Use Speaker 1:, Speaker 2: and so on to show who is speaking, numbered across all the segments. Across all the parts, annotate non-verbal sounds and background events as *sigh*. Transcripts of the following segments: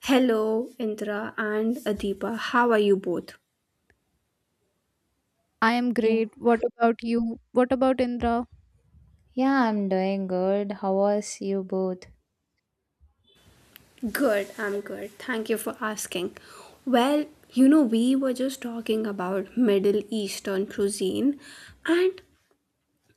Speaker 1: Hello, Indra and Adipa. How are you both?
Speaker 2: I am
Speaker 3: Yeah,
Speaker 2: great. What about you? What about Indra?
Speaker 3: yeah, I'm doing good. How was you both?
Speaker 1: Good, I'm good. Thank you for asking. Well, you know, we were just talking about Middle Eastern cuisine, and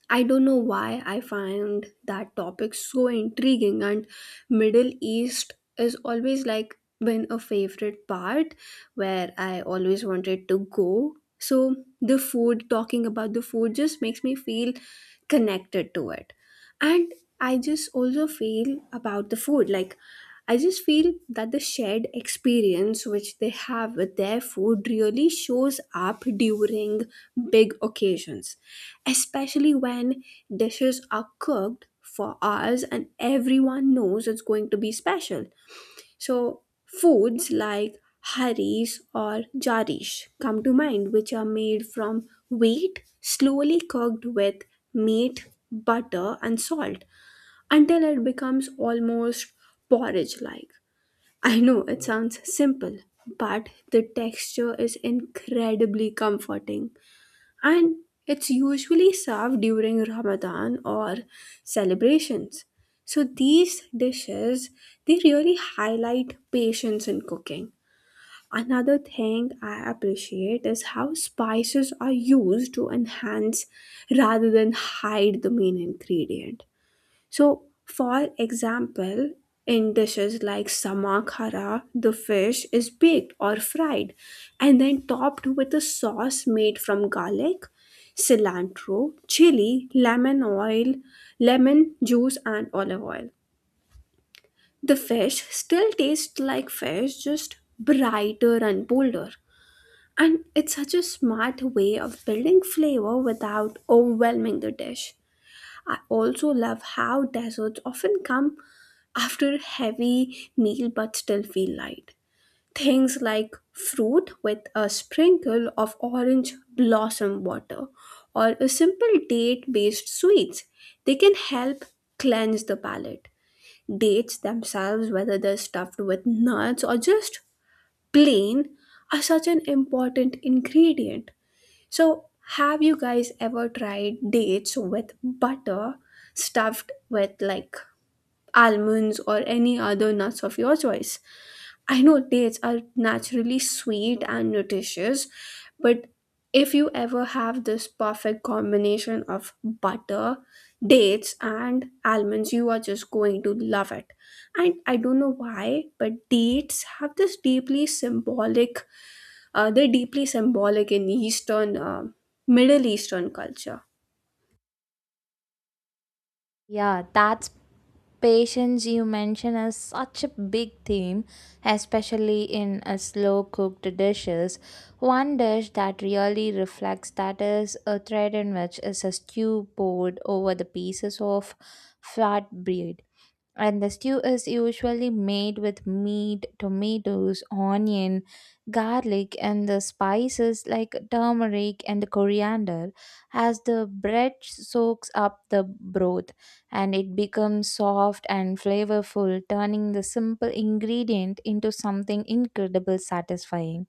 Speaker 1: I don't know why I find that topic so intriguing, and Middle East is always like been a favorite part where I always wanted to go. So the food, talking about the food, just makes me feel connected to it, and I just also feel about the food like. I just feel that the shared experience which they have with their food really shows up during big occasions, especially when dishes are cooked for hours and everyone knows it's going to be special. So, foods like haris or jarish come to mind, which are made from wheat slowly cooked with meat, butter, and salt until it becomes almost porridge like. I know it sounds simple, but the texture is incredibly comforting and it's usually served during Ramadan or celebrations. So these dishes they really highlight patience in cooking. Another thing I appreciate is how spices are used to enhance rather than hide the main ingredient. So, for example, in dishes like samakara, the fish is baked or fried and then topped with a sauce made from garlic, cilantro, chili, lemon oil, lemon juice, and olive oil. The fish still tastes like fish, just brighter and bolder. And it's such a smart way of building flavor without overwhelming the dish. I also love how desserts often come after a heavy meal but still feel light. Things like fruit with a sprinkle of orange blossom water or a simple date based sweets. They can help cleanse the palate. Dates themselves, whether they're stuffed with nuts or just plain, are such an important ingredient so, have you guys ever tried dates with butter stuffed with like almonds or any other nuts of your choice? I know dates are naturally sweet and nutritious, but if you ever have this perfect combination of butter, dates, and almonds, you are just going to love it. And I don't know why, but dates have this deeply symbolic They're deeply symbolic in Middle Eastern culture.
Speaker 3: Yeah, that's patience you mention is such a big theme, especially in a slow cooked dishes. One dish that really reflects that is a thread in which is a stew poured over the pieces of flatbread. And the stew is usually made with meat, tomatoes, onion, garlic, and the spices like turmeric and coriander. As the bread soaks up the broth, and it becomes soft and flavorful, turning the simple ingredient into something incredible satisfying.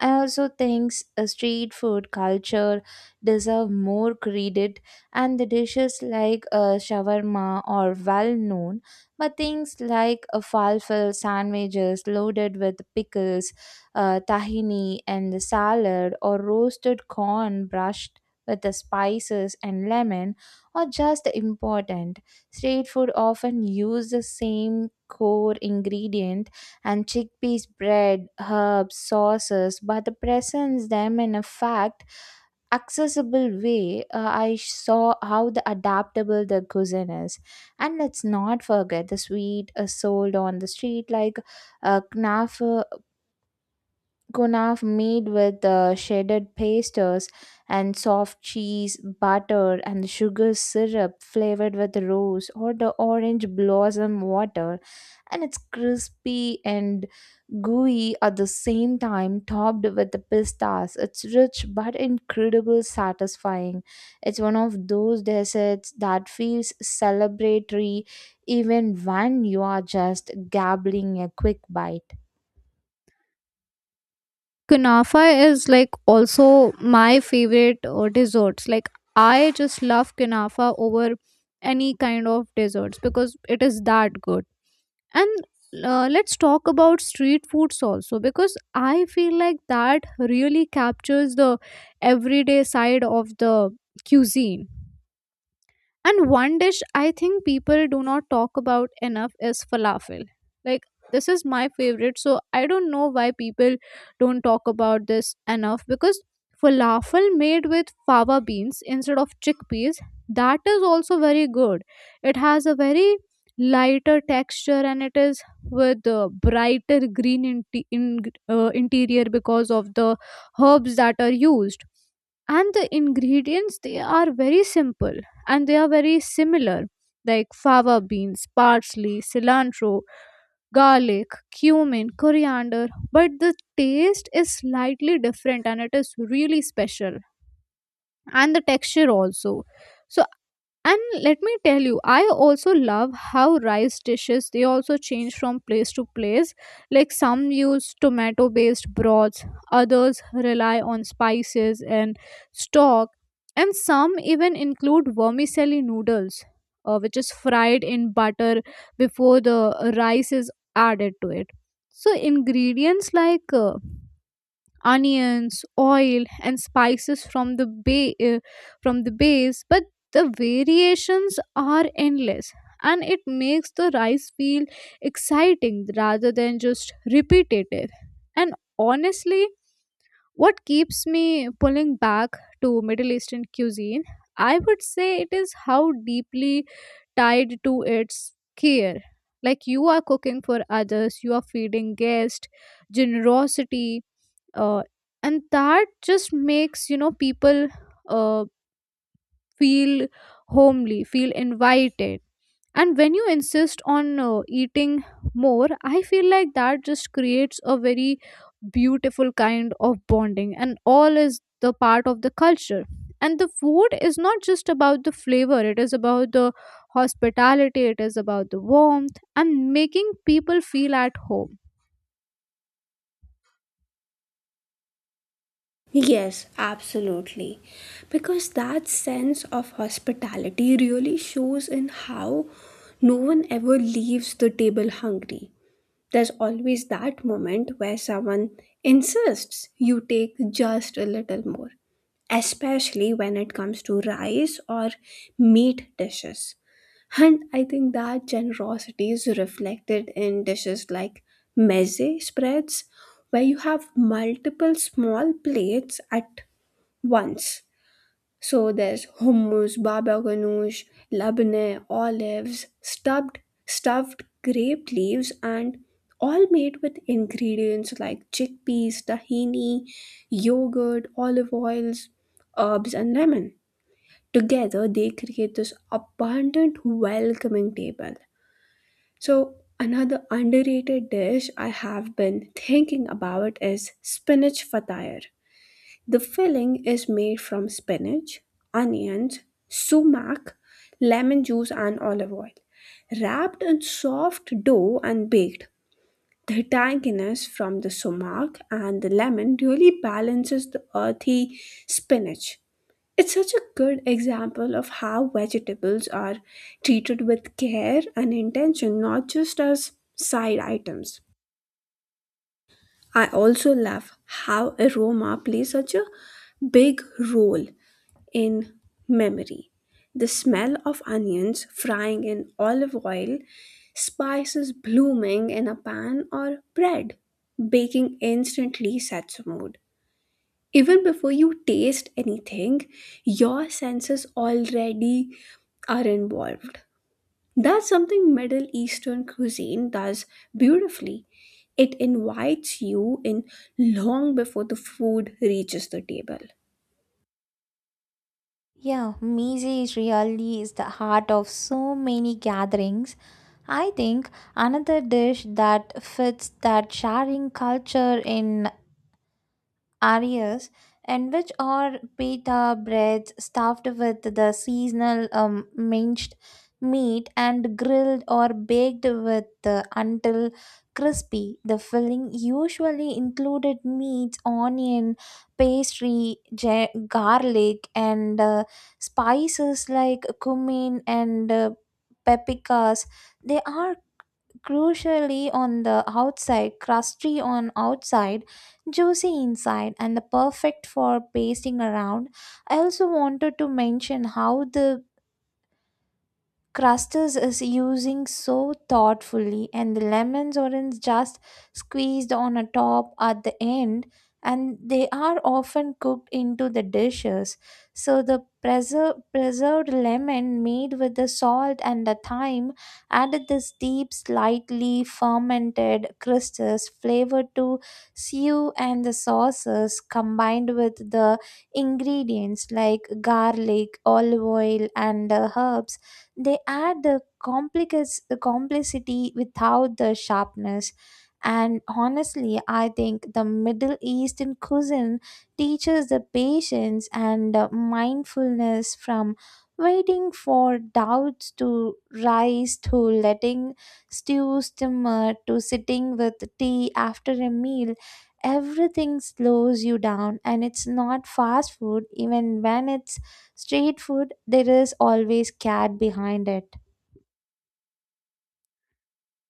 Speaker 3: I also think street food culture deserve more credit, and the dishes like shawarma are well known, but things like falafel sandwiches loaded with pickles, tahini, and the salad, or roasted corn brushed with the spices and lemon are just important. Street food often use the same core ingredient and chickpeas bread, herbs, sauces, but the presents them in a fact accessible way. I saw how the adaptable the cuisine is, and let's not forget the sweet sold on the street like uh, knaf, uh, kunaf made with shredded pastas and soft cheese, butter, and sugar syrup flavored with rose or the orange blossom water, and it's crispy and gooey at the same time, topped with the pistas. It's rich but incredibly satisfying. It's one of those desserts that feels celebratory even when you are just gabbling a quick bite.
Speaker 2: Kunafa is like also my favorite desserts. Like I just love kunafa over any kind of desserts because it is that good. And Let's talk about street foods also because I feel like that really captures the everyday side of the cuisine. And one dish I think people do not talk about enough is falafel. Like, this is my favorite. So, I don't know why people don't talk about this enough because falafel made with fava beans instead of chickpeas, that is also very good. It has a very lighter texture and it is with a brighter green interior because of the herbs that are used, and the ingredients, they are very simple and they are very similar, like fava beans, parsley, cilantro, garlic, cumin, coriander, but the taste is slightly different and it is really special, and the texture also. So, and let me tell you, I also love how rice dishes, they also change from place to place. Like some use tomato based broths, others rely on spices and stock, and some even include vermicelli noodles, which is fried in butter before the rice is added to it. So, ingredients like onions, oil, and spices from the bay from the base, but the variations are endless and it makes the rice feel exciting rather than just repetitive. And honestly, what keeps me pulling back to Middle Eastern cuisine, I would say it is how deeply tied to its care. Like you are cooking for others, you are feeding guests, generosity, uh, and that just makes, you know, people uh, feel homely, feel invited. And when you insist on eating more, I feel like that just creates a very beautiful kind of bonding, and all is the part of the culture. And the food is not just about the flavor, it is about the hospitality, it is about the warmth and making people feel at home.
Speaker 1: Yes, absolutely. Because that sense of hospitality really shows in how no one ever leaves the table hungry. There's always that moment where someone insists you take just a little more, especially when it comes to rice or meat dishes. And I think that generosity is reflected in dishes like meze spreads, where you have multiple small plates at once. So there's hummus, baba ganoush, labneh, olives, stuffed grape leaves, and all made with ingredients like chickpeas, tahini, yogurt, olive oils, herbs, and lemon. Together, they create this abundant, welcoming table. So another underrated dish I have been thinking about is spinach fatayar. The filling is made from spinach, onions, sumac, lemon juice, and olive oil. Wrapped in soft dough and baked, the tanginess from the sumac and the lemon really balances the earthy spinach. It's such a good example of how vegetables are treated with care and intention, not just as side items. I also love how aroma plays such a big role in memory. The smell of onions frying in olive oil, spices blooming in a pan, or bread baking instantly sets a mood. Even before you taste anything, your senses already are involved. That's something Middle Eastern cuisine does beautifully. It invites you in long before the food reaches the table.
Speaker 3: Yeah, Mize is really is the heart of so many gatherings. I think another dish that fits that sharing culture in arias, and which are pita breads stuffed with the seasonal minced meat and grilled or baked with the until crispy. The filling usually included meats, onion, pastry, garlic, and spices like cumin and paprikas. They are crucially on the outside, crusty on outside, juicy inside, and the perfect for pasting around. I also wanted to mention how the Crusters is using so thoughtfully and the lemons orange just squeezed on a top at the end, and they are often cooked into the dishes, so the preserved lemon made with the salt and the thyme added this deep slightly fermented crystals flavor to stew and the sauces, combined with the ingredients like garlic, olive oil, and herbs, they add the complexity without the sharpness. And honestly, I think the Middle Eastern cuisine teaches the patience and mindfulness, from waiting for doubts to rise, to letting stew simmer, to sitting with tea after a meal. Everything slows you down, and it's not fast food. Even when it's street food, there is always cat behind it.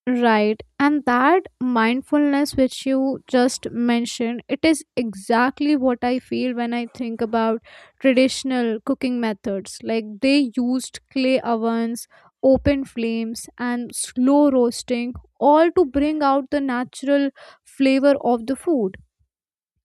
Speaker 2: Right. And that mindfulness which you just mentioned, it is exactly what I feel when I think about traditional cooking methods. Like they used clay ovens, open flames, and slow roasting, all to bring out the natural flavor of the food.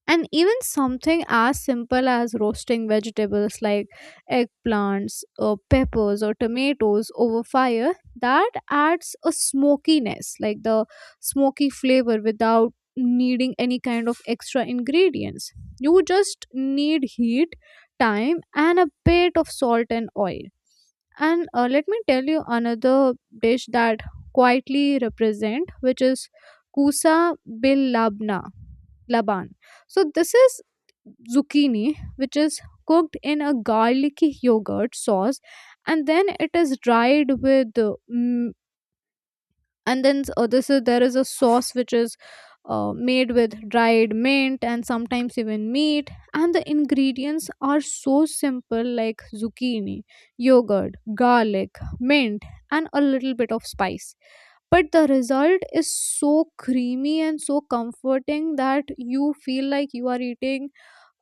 Speaker 2: And even something as simple as roasting vegetables like eggplants, or peppers, or tomatoes over fire, that adds a smokiness, like the smoky flavor without needing any kind of extra ingredients. You just need heat, time, and a bit of salt and oil. And let me tell you another dish that quietly represent, which is kusa bil labna, laban. So this is zucchini, which is cooked in a garlicky yogurt sauce, and then it is dried with and this is, there is a sauce which is made with dried mint and sometimes even meat. And the ingredients are so simple, like zucchini, yogurt, garlic, mint, and a little bit of spice, but the result is so creamy and so comforting that you feel like you are eating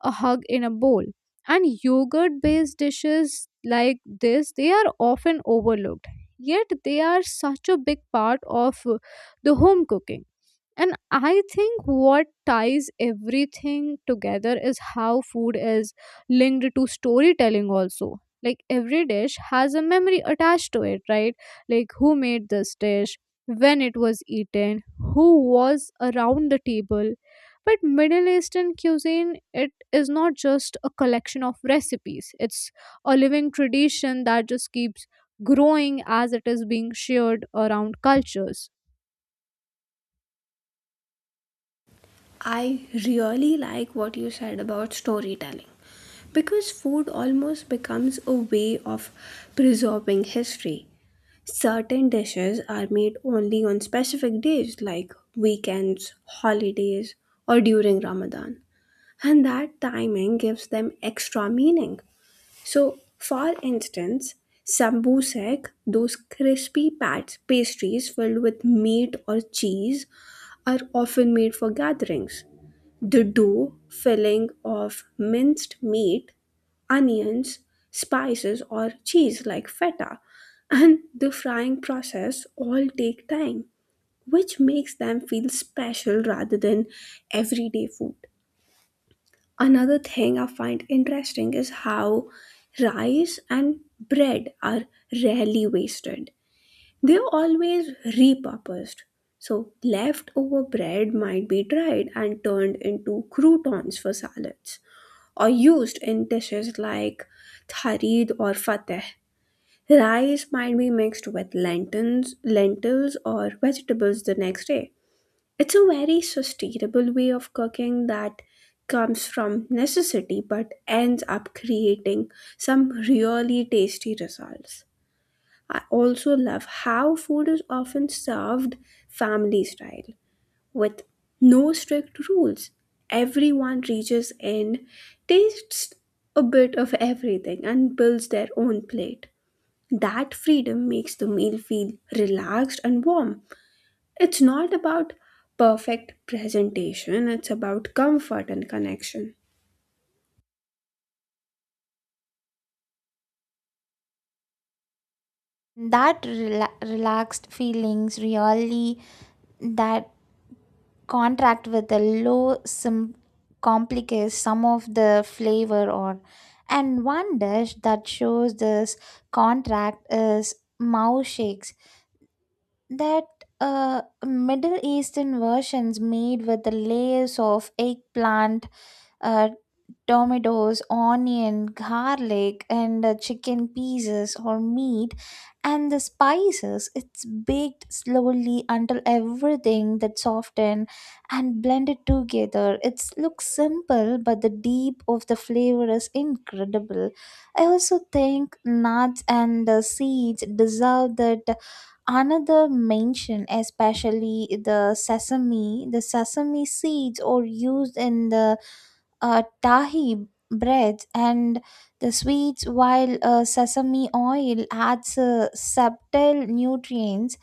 Speaker 2: a hug in a bowl. And yogurt based dishes like this, they are often overlooked, yet they are such a big part of the home cooking. And I think what ties everything together is how food is linked to storytelling, also. Like every dish has a memory attached to it, right? Like who made this dish, when it was eaten, who was around the table. But Middle Eastern cuisine, it is not just a collection of recipes, it's a living tradition that just keeps growing as it is being shared around cultures.
Speaker 1: I really like what you said about storytelling because food almost becomes a way of preserving history. Certain dishes are made only on specific days like weekends, holidays, or during Ramadan, and that timing gives them extra meaning. So, for instance, sambusek, those crispy pastries filled with meat or cheese, are often made for gatherings the dough filling of minced meat, onions, spices, or cheese like feta, and the frying process all take time, which makes them feel special rather than everyday food. Another thing I find interesting is how rice and bread are rarely wasted they're always repurposed. So, leftover bread might be dried and turned into croutons for salads, or used in dishes like tharid or fateh. Rice might be mixed with lentils or vegetables the next day. It's a very sustainable way of cooking that comes from necessity but ends up creating some really tasty results. I also love how food is often served family style with no strict rules. Everyone reaches in, tastes a bit of everything, and builds their own plate. That freedom makes the meal feel relaxed and warm. It's not about perfect presentation, it's about comfort and connection.
Speaker 3: That relaxed feelings really, that contract with the complicates some of the flavor, or, and one dish that shows this contract is mouse shakes, that Middle Eastern versions made with the layers of eggplant, uh, tomatoes, onion, garlic, and chicken pieces or meat, and the spices. It's baked slowly until everything that softened and blended together. It looks simple, but the deep of the flavor is incredible. I also think nuts and seeds deserve that another mention, especially the sesame. The sesame seeds are used in the tahi breads and the sweets, while sesame oil adds subtle nutrients.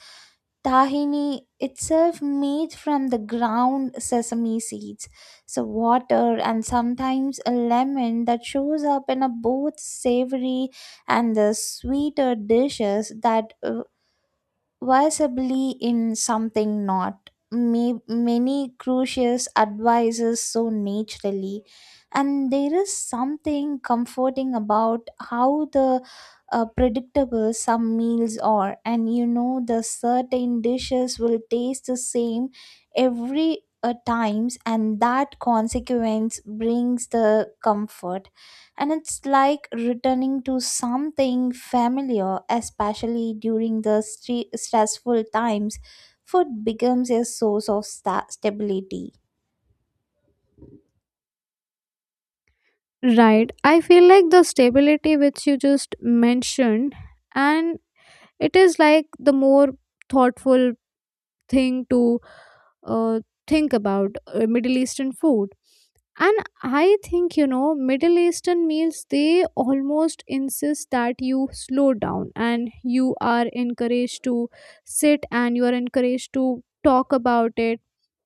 Speaker 3: Tahini itself made from the ground sesame seeds, so water and sometimes a lemon, that shows up in a both savory and the sweeter dishes that visibly in something not. Many crucius advises so naturally, and there is something comforting about how the predictable some meals are, and you know the certain dishes will taste the same every times, and that consequence brings the comfort, and it's like returning to something familiar, especially during the stressful times. Food becomes a source of stability.
Speaker 2: Right. I feel like the stability which you just mentioned, and it is like the more thoughtful thing to uh, think about Middle Eastern food. And I think, you know, Middle Eastern meals, they almost insist that you slow down, and you are encouraged to sit and you are encouraged to talk about it.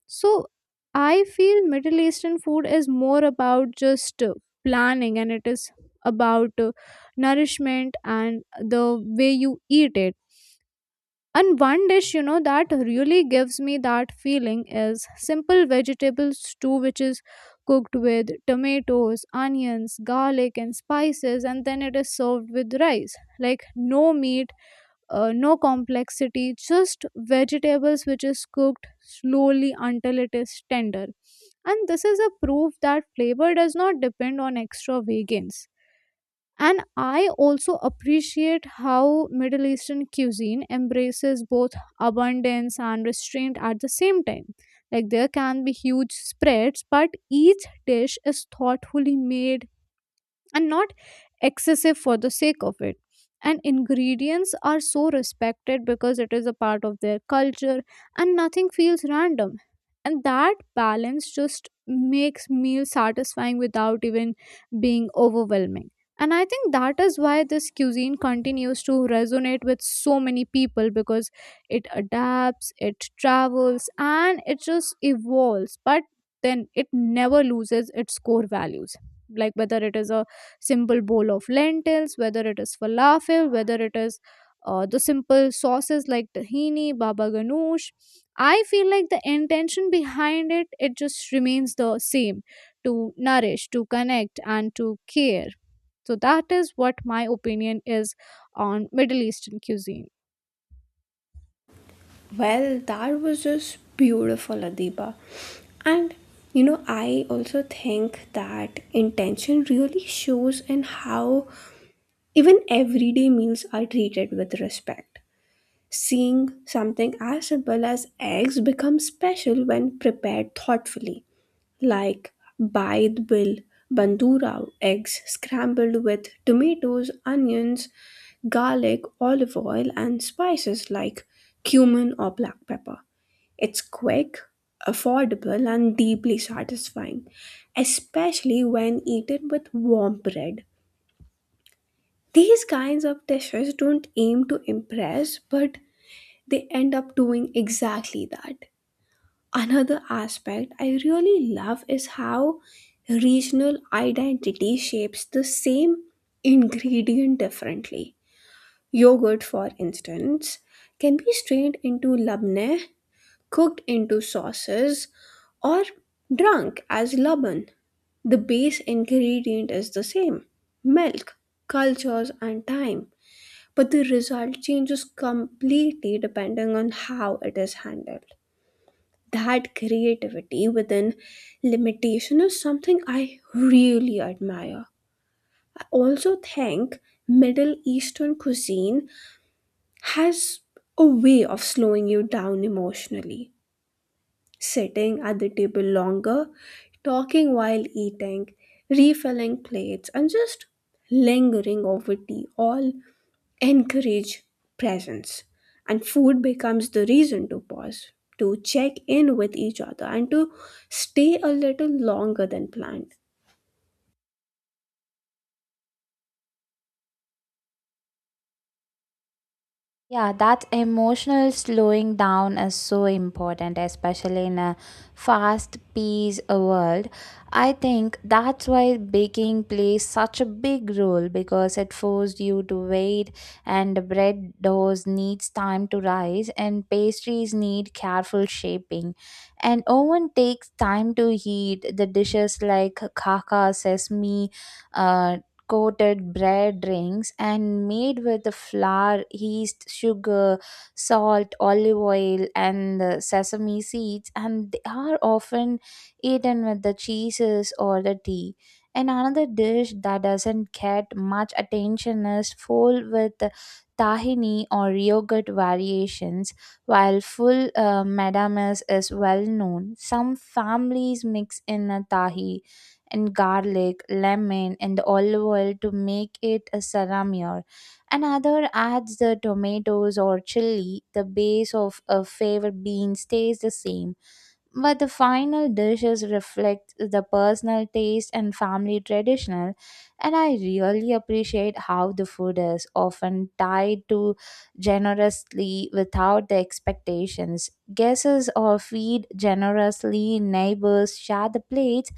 Speaker 2: So I feel Middle Eastern food is more about just planning, and it is about nourishment and the way you eat it. And one dish, you know, that really gives me that feeling is simple vegetable stew, which is cooked with tomatoes, onions, garlic, and spices, and then it is served with rice. Like no meat, no complexity, just vegetables which is cooked slowly until it is tender. And this is a proof that flavor does not depend on extravagance. And I also appreciate how Middle Eastern cuisine embraces both abundance and restraint at the same time. Like there can be huge spreads, but each dish is thoughtfully made and not excessive for the sake of it, and ingredients are so respected because it is a part of their culture, and nothing feels random. And that balance just makes meals satisfying without even being overwhelming. And I think that is why this cuisine continues to resonate with so many people, because it adapts, it travels, and it just evolves, but then it never loses its core values. Like whether it is a simple bowl of lentils, whether it is falafel, whether it is the simple sauces like tahini, baba ganoush. I feel like the intention behind it, it just remains the same: to nourish, to connect, and to care. So that is what my opinion is on Middle Eastern cuisine.
Speaker 1: Well, that was just beautiful, Adiba. And you know, I also think that intention really shows in how even everyday meals are treated with respect. Seeing something as simple as eggs becomes special when prepared thoughtfully, like baid bill, bandura eggs scrambled with tomatoes, onions, garlic, olive oil, and spices like cumin or black pepper. It's quick, affordable, and deeply satisfying, especially when eaten with warm bread. These kinds of dishes don't aim to impress, but they end up doing exactly that. Another aspect I really love is how regional identity shapes the same ingredient differently. Yogurt, for instance, can be strained into labneh cooked into sauces, or drunk as laban. The base ingredient is the same milk, cultures, and time, but the result changes completely depending on how it is handled. That creativity within limitation is something I really admire. I also think Middle Eastern cuisine has a way of slowing you down emotionally. Sitting at the table longer, talking while eating, refilling plates, and just lingering over tea all encourage presence. And food becomes the reason to pause, to check in with each other, and to stay a little longer than planned.
Speaker 3: Yeah, that emotional slowing down is so important, especially in a fast paced world. I think that's why baking plays such a big role, because it forced you to wait, and the bread doughs needs time to rise, and pastries need careful shaping. And oven takes time to heat. The dishes like kaka, sesame, uh, coated bread rings, and made with the flour, yeast, sugar, salt, olive oil, and the sesame seeds, and they are often eaten with the cheeses or the tea. And another dish that doesn't get much attention is full with tahini or yogurt variations, while full madames is well known. Some families mix in a tahi and garlic, lemon, and the olive oil to make it a salamier. Another adds the tomatoes or chili. The base of a favorite bean stays the same, but the final dishes reflect the personal taste and family traditional. And I really appreciate how the food is often tied to generously without the expectations. Guests are feed generously, neighbors share the plates,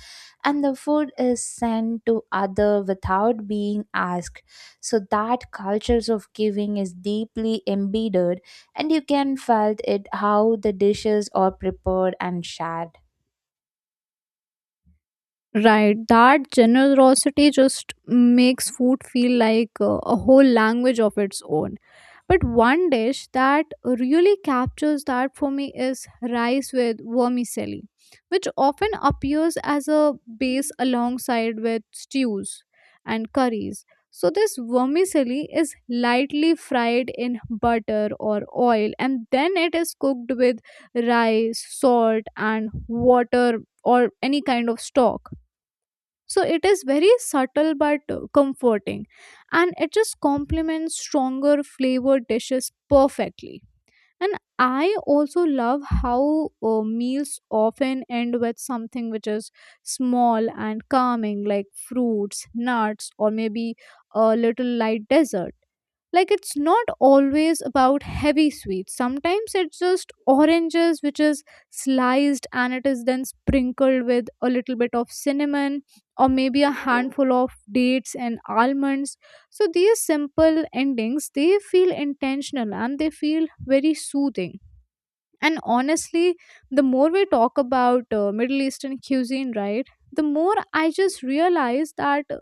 Speaker 3: and the food is sent to other without being asked. So that cultures of giving is deeply embedded, and you can felt it how the dishes are prepared and shared.
Speaker 2: Right, that generosity just makes food feel like a whole language of its own. But one dish that really captures that for me is rice with vermicelli, which often appears as a base alongside with stews and curries. So, this vermicelli is lightly fried in butter or oil, and then it is cooked with rice, salt, and water, or any kind of stock. So it is very subtle but comforting, and it just complements stronger flavored dishes perfectly. And I also love how meals often end with something which is small and calming, like fruits, nuts, or maybe a little light dessert. Like it's not always about heavy sweets. Sometimes it's just oranges which is sliced and it is then sprinkled with a little bit of cinnamon, or maybe a handful of dates and almonds. So these simple endings, they feel intentional and they feel very soothing. And honestly, the more we talk about Middle Eastern cuisine, right, the more I just realize that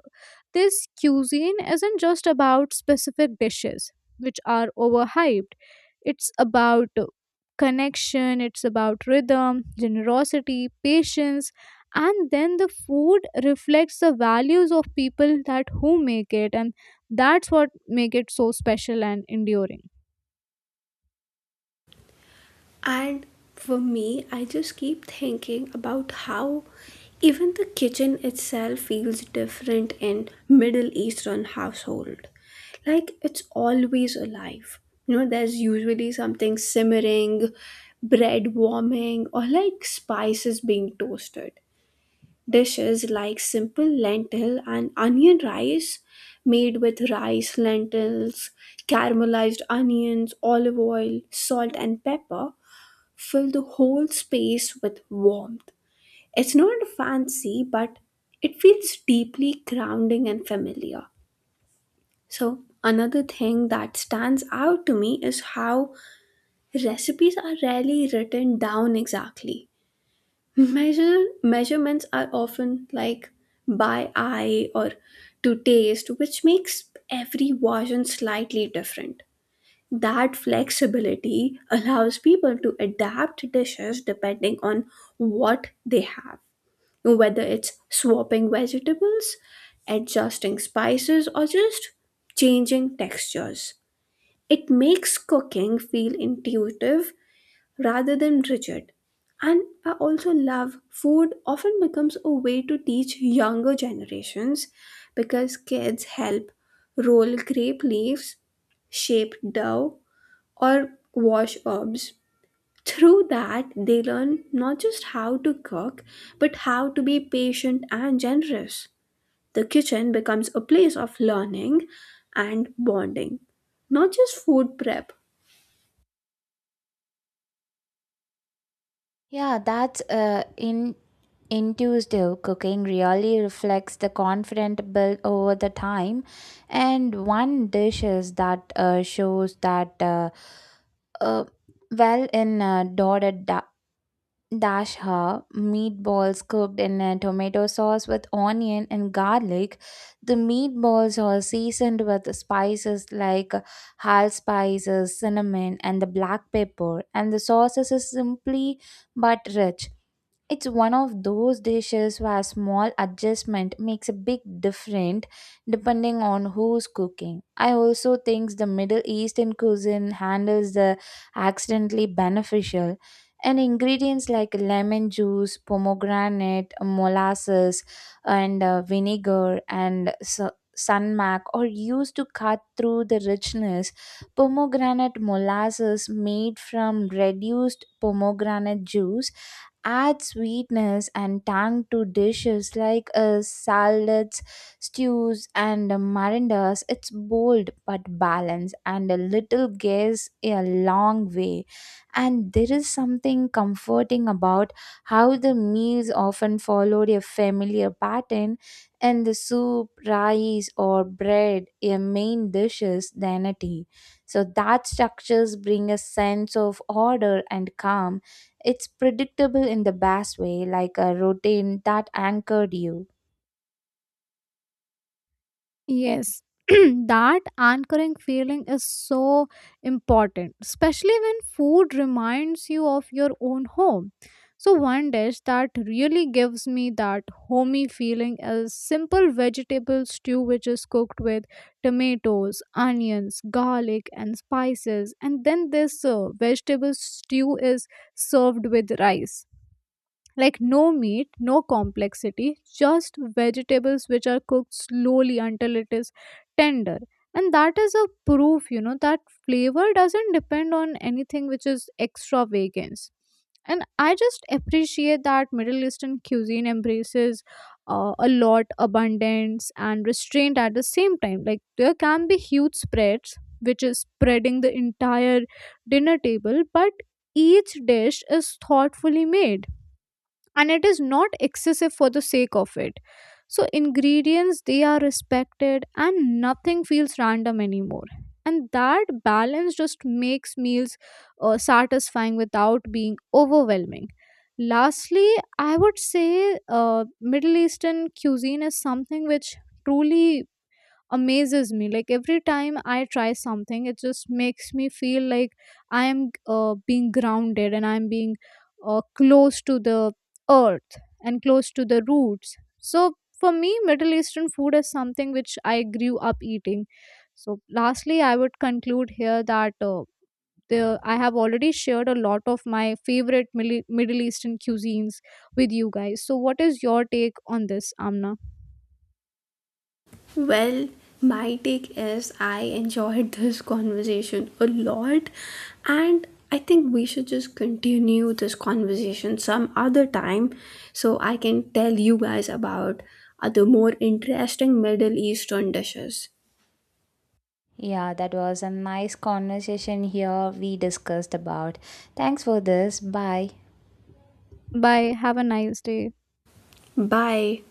Speaker 2: this cuisine isn't just about specific dishes which are overhyped. It's about connection, it's about rhythm, generosity, patience. And then the food reflects the values of people that who make it, and that's what make it so special and enduring.
Speaker 1: And for me, I just keep thinking about how even the kitchen itself feels different in Middle Eastern household. Like it's always alive. You know, there's usually something simmering, bread warming, or like spices being toasted. Dishes like simple lentil and onion rice made with rice, lentils, caramelized onions, olive oil, salt, and pepper fill the whole space with warmth. It's not fancy, but it feels deeply grounding and familiar. So, another thing that stands out to me is how recipes are rarely written down exactly. Measurements are often like by eye or to taste, which makes every version slightly different. That flexibility allows people to adapt dishes depending on what they have, whether it's swapping vegetables, adjusting spices, or just changing textures. It makes cooking feel intuitive rather than rigid. And I also love food often becomes a way to teach younger generations because kids help roll grape leaves, shape dough, or wash herbs. Through that, they learn not just how to cook, but how to be patient and generous. The kitchen becomes a place of learning and bonding, not just food prep.
Speaker 3: Yeah, that's in intuitive cooking really reflects the confidence built over the time, and one dish is that shows that uh, well in dotted Dash ha, meatballs cooked in a tomato sauce with onion and garlic. The meatballs are seasoned with spices like allspice, cinnamon, and the black pepper, and the sauce is simply but rich. It's one of those dishes where a small adjustment makes a big difference depending on who's cooking. I also think the Middle Eastern cuisine handles the accidentally beneficial, and ingredients like lemon juice, pomegranate, molasses, and vinegar and sunmac are used to cut through the richness. Pomegranate molasses made from reduced pomegranate juice add sweetness and tang to dishes like salads, stews, and marindas. It's bold but balanced, and a little goes a long way. And there is something comforting about how the meals often followed a familiar pattern, and the soup, rice, or bread, a main dishes, the entity. So that structures bring a sense of order and calm. It's predictable in the best way, like a routine that anchored you.
Speaker 2: Yes, *clears throat* that anchoring feeling is so important, especially when food reminds you of your own home. So, one dish that really gives me that homey feeling is simple vegetable stew, which is cooked with tomatoes, onions, garlic, and spices. And then this vegetable stew is served with rice. Like no meat, no complexity, just vegetables which are cooked slowly until it is tender. And that is a proof, you know, that flavor doesn't depend on anything which is extravagance. And I just appreciate that Middle Eastern cuisine embraces a lot abundance and restraint at the same time. Like there can be huge spreads, which is spreading the entire dinner table, but each dish is thoughtfully made and it is not excessive for the sake of it. So ingredients, they are respected and nothing feels random anymore, and that balance just makes meals satisfying without being overwhelming. Lastly, I would say Middle Eastern cuisine is something which truly amazes me. Like every time I try something, it just makes me feel like I am being grounded, and I'm being close to the earth and close to the roots. So for me, Middle Eastern food is something which I grew up eating. So lastly, I would conclude here that I have already shared a lot of my favorite Middle Eastern cuisines with you guys. So, what is your take on this, Amna?
Speaker 1: Well, my take is I enjoyed this conversation a lot, and I think we should just continue this conversation some other time so I can tell you guys about other more interesting Middle Eastern dishes.
Speaker 3: Yeah, that was a nice conversation here we discussed about. Thanks for this. Bye.
Speaker 2: Bye. Have a nice day.
Speaker 1: Bye.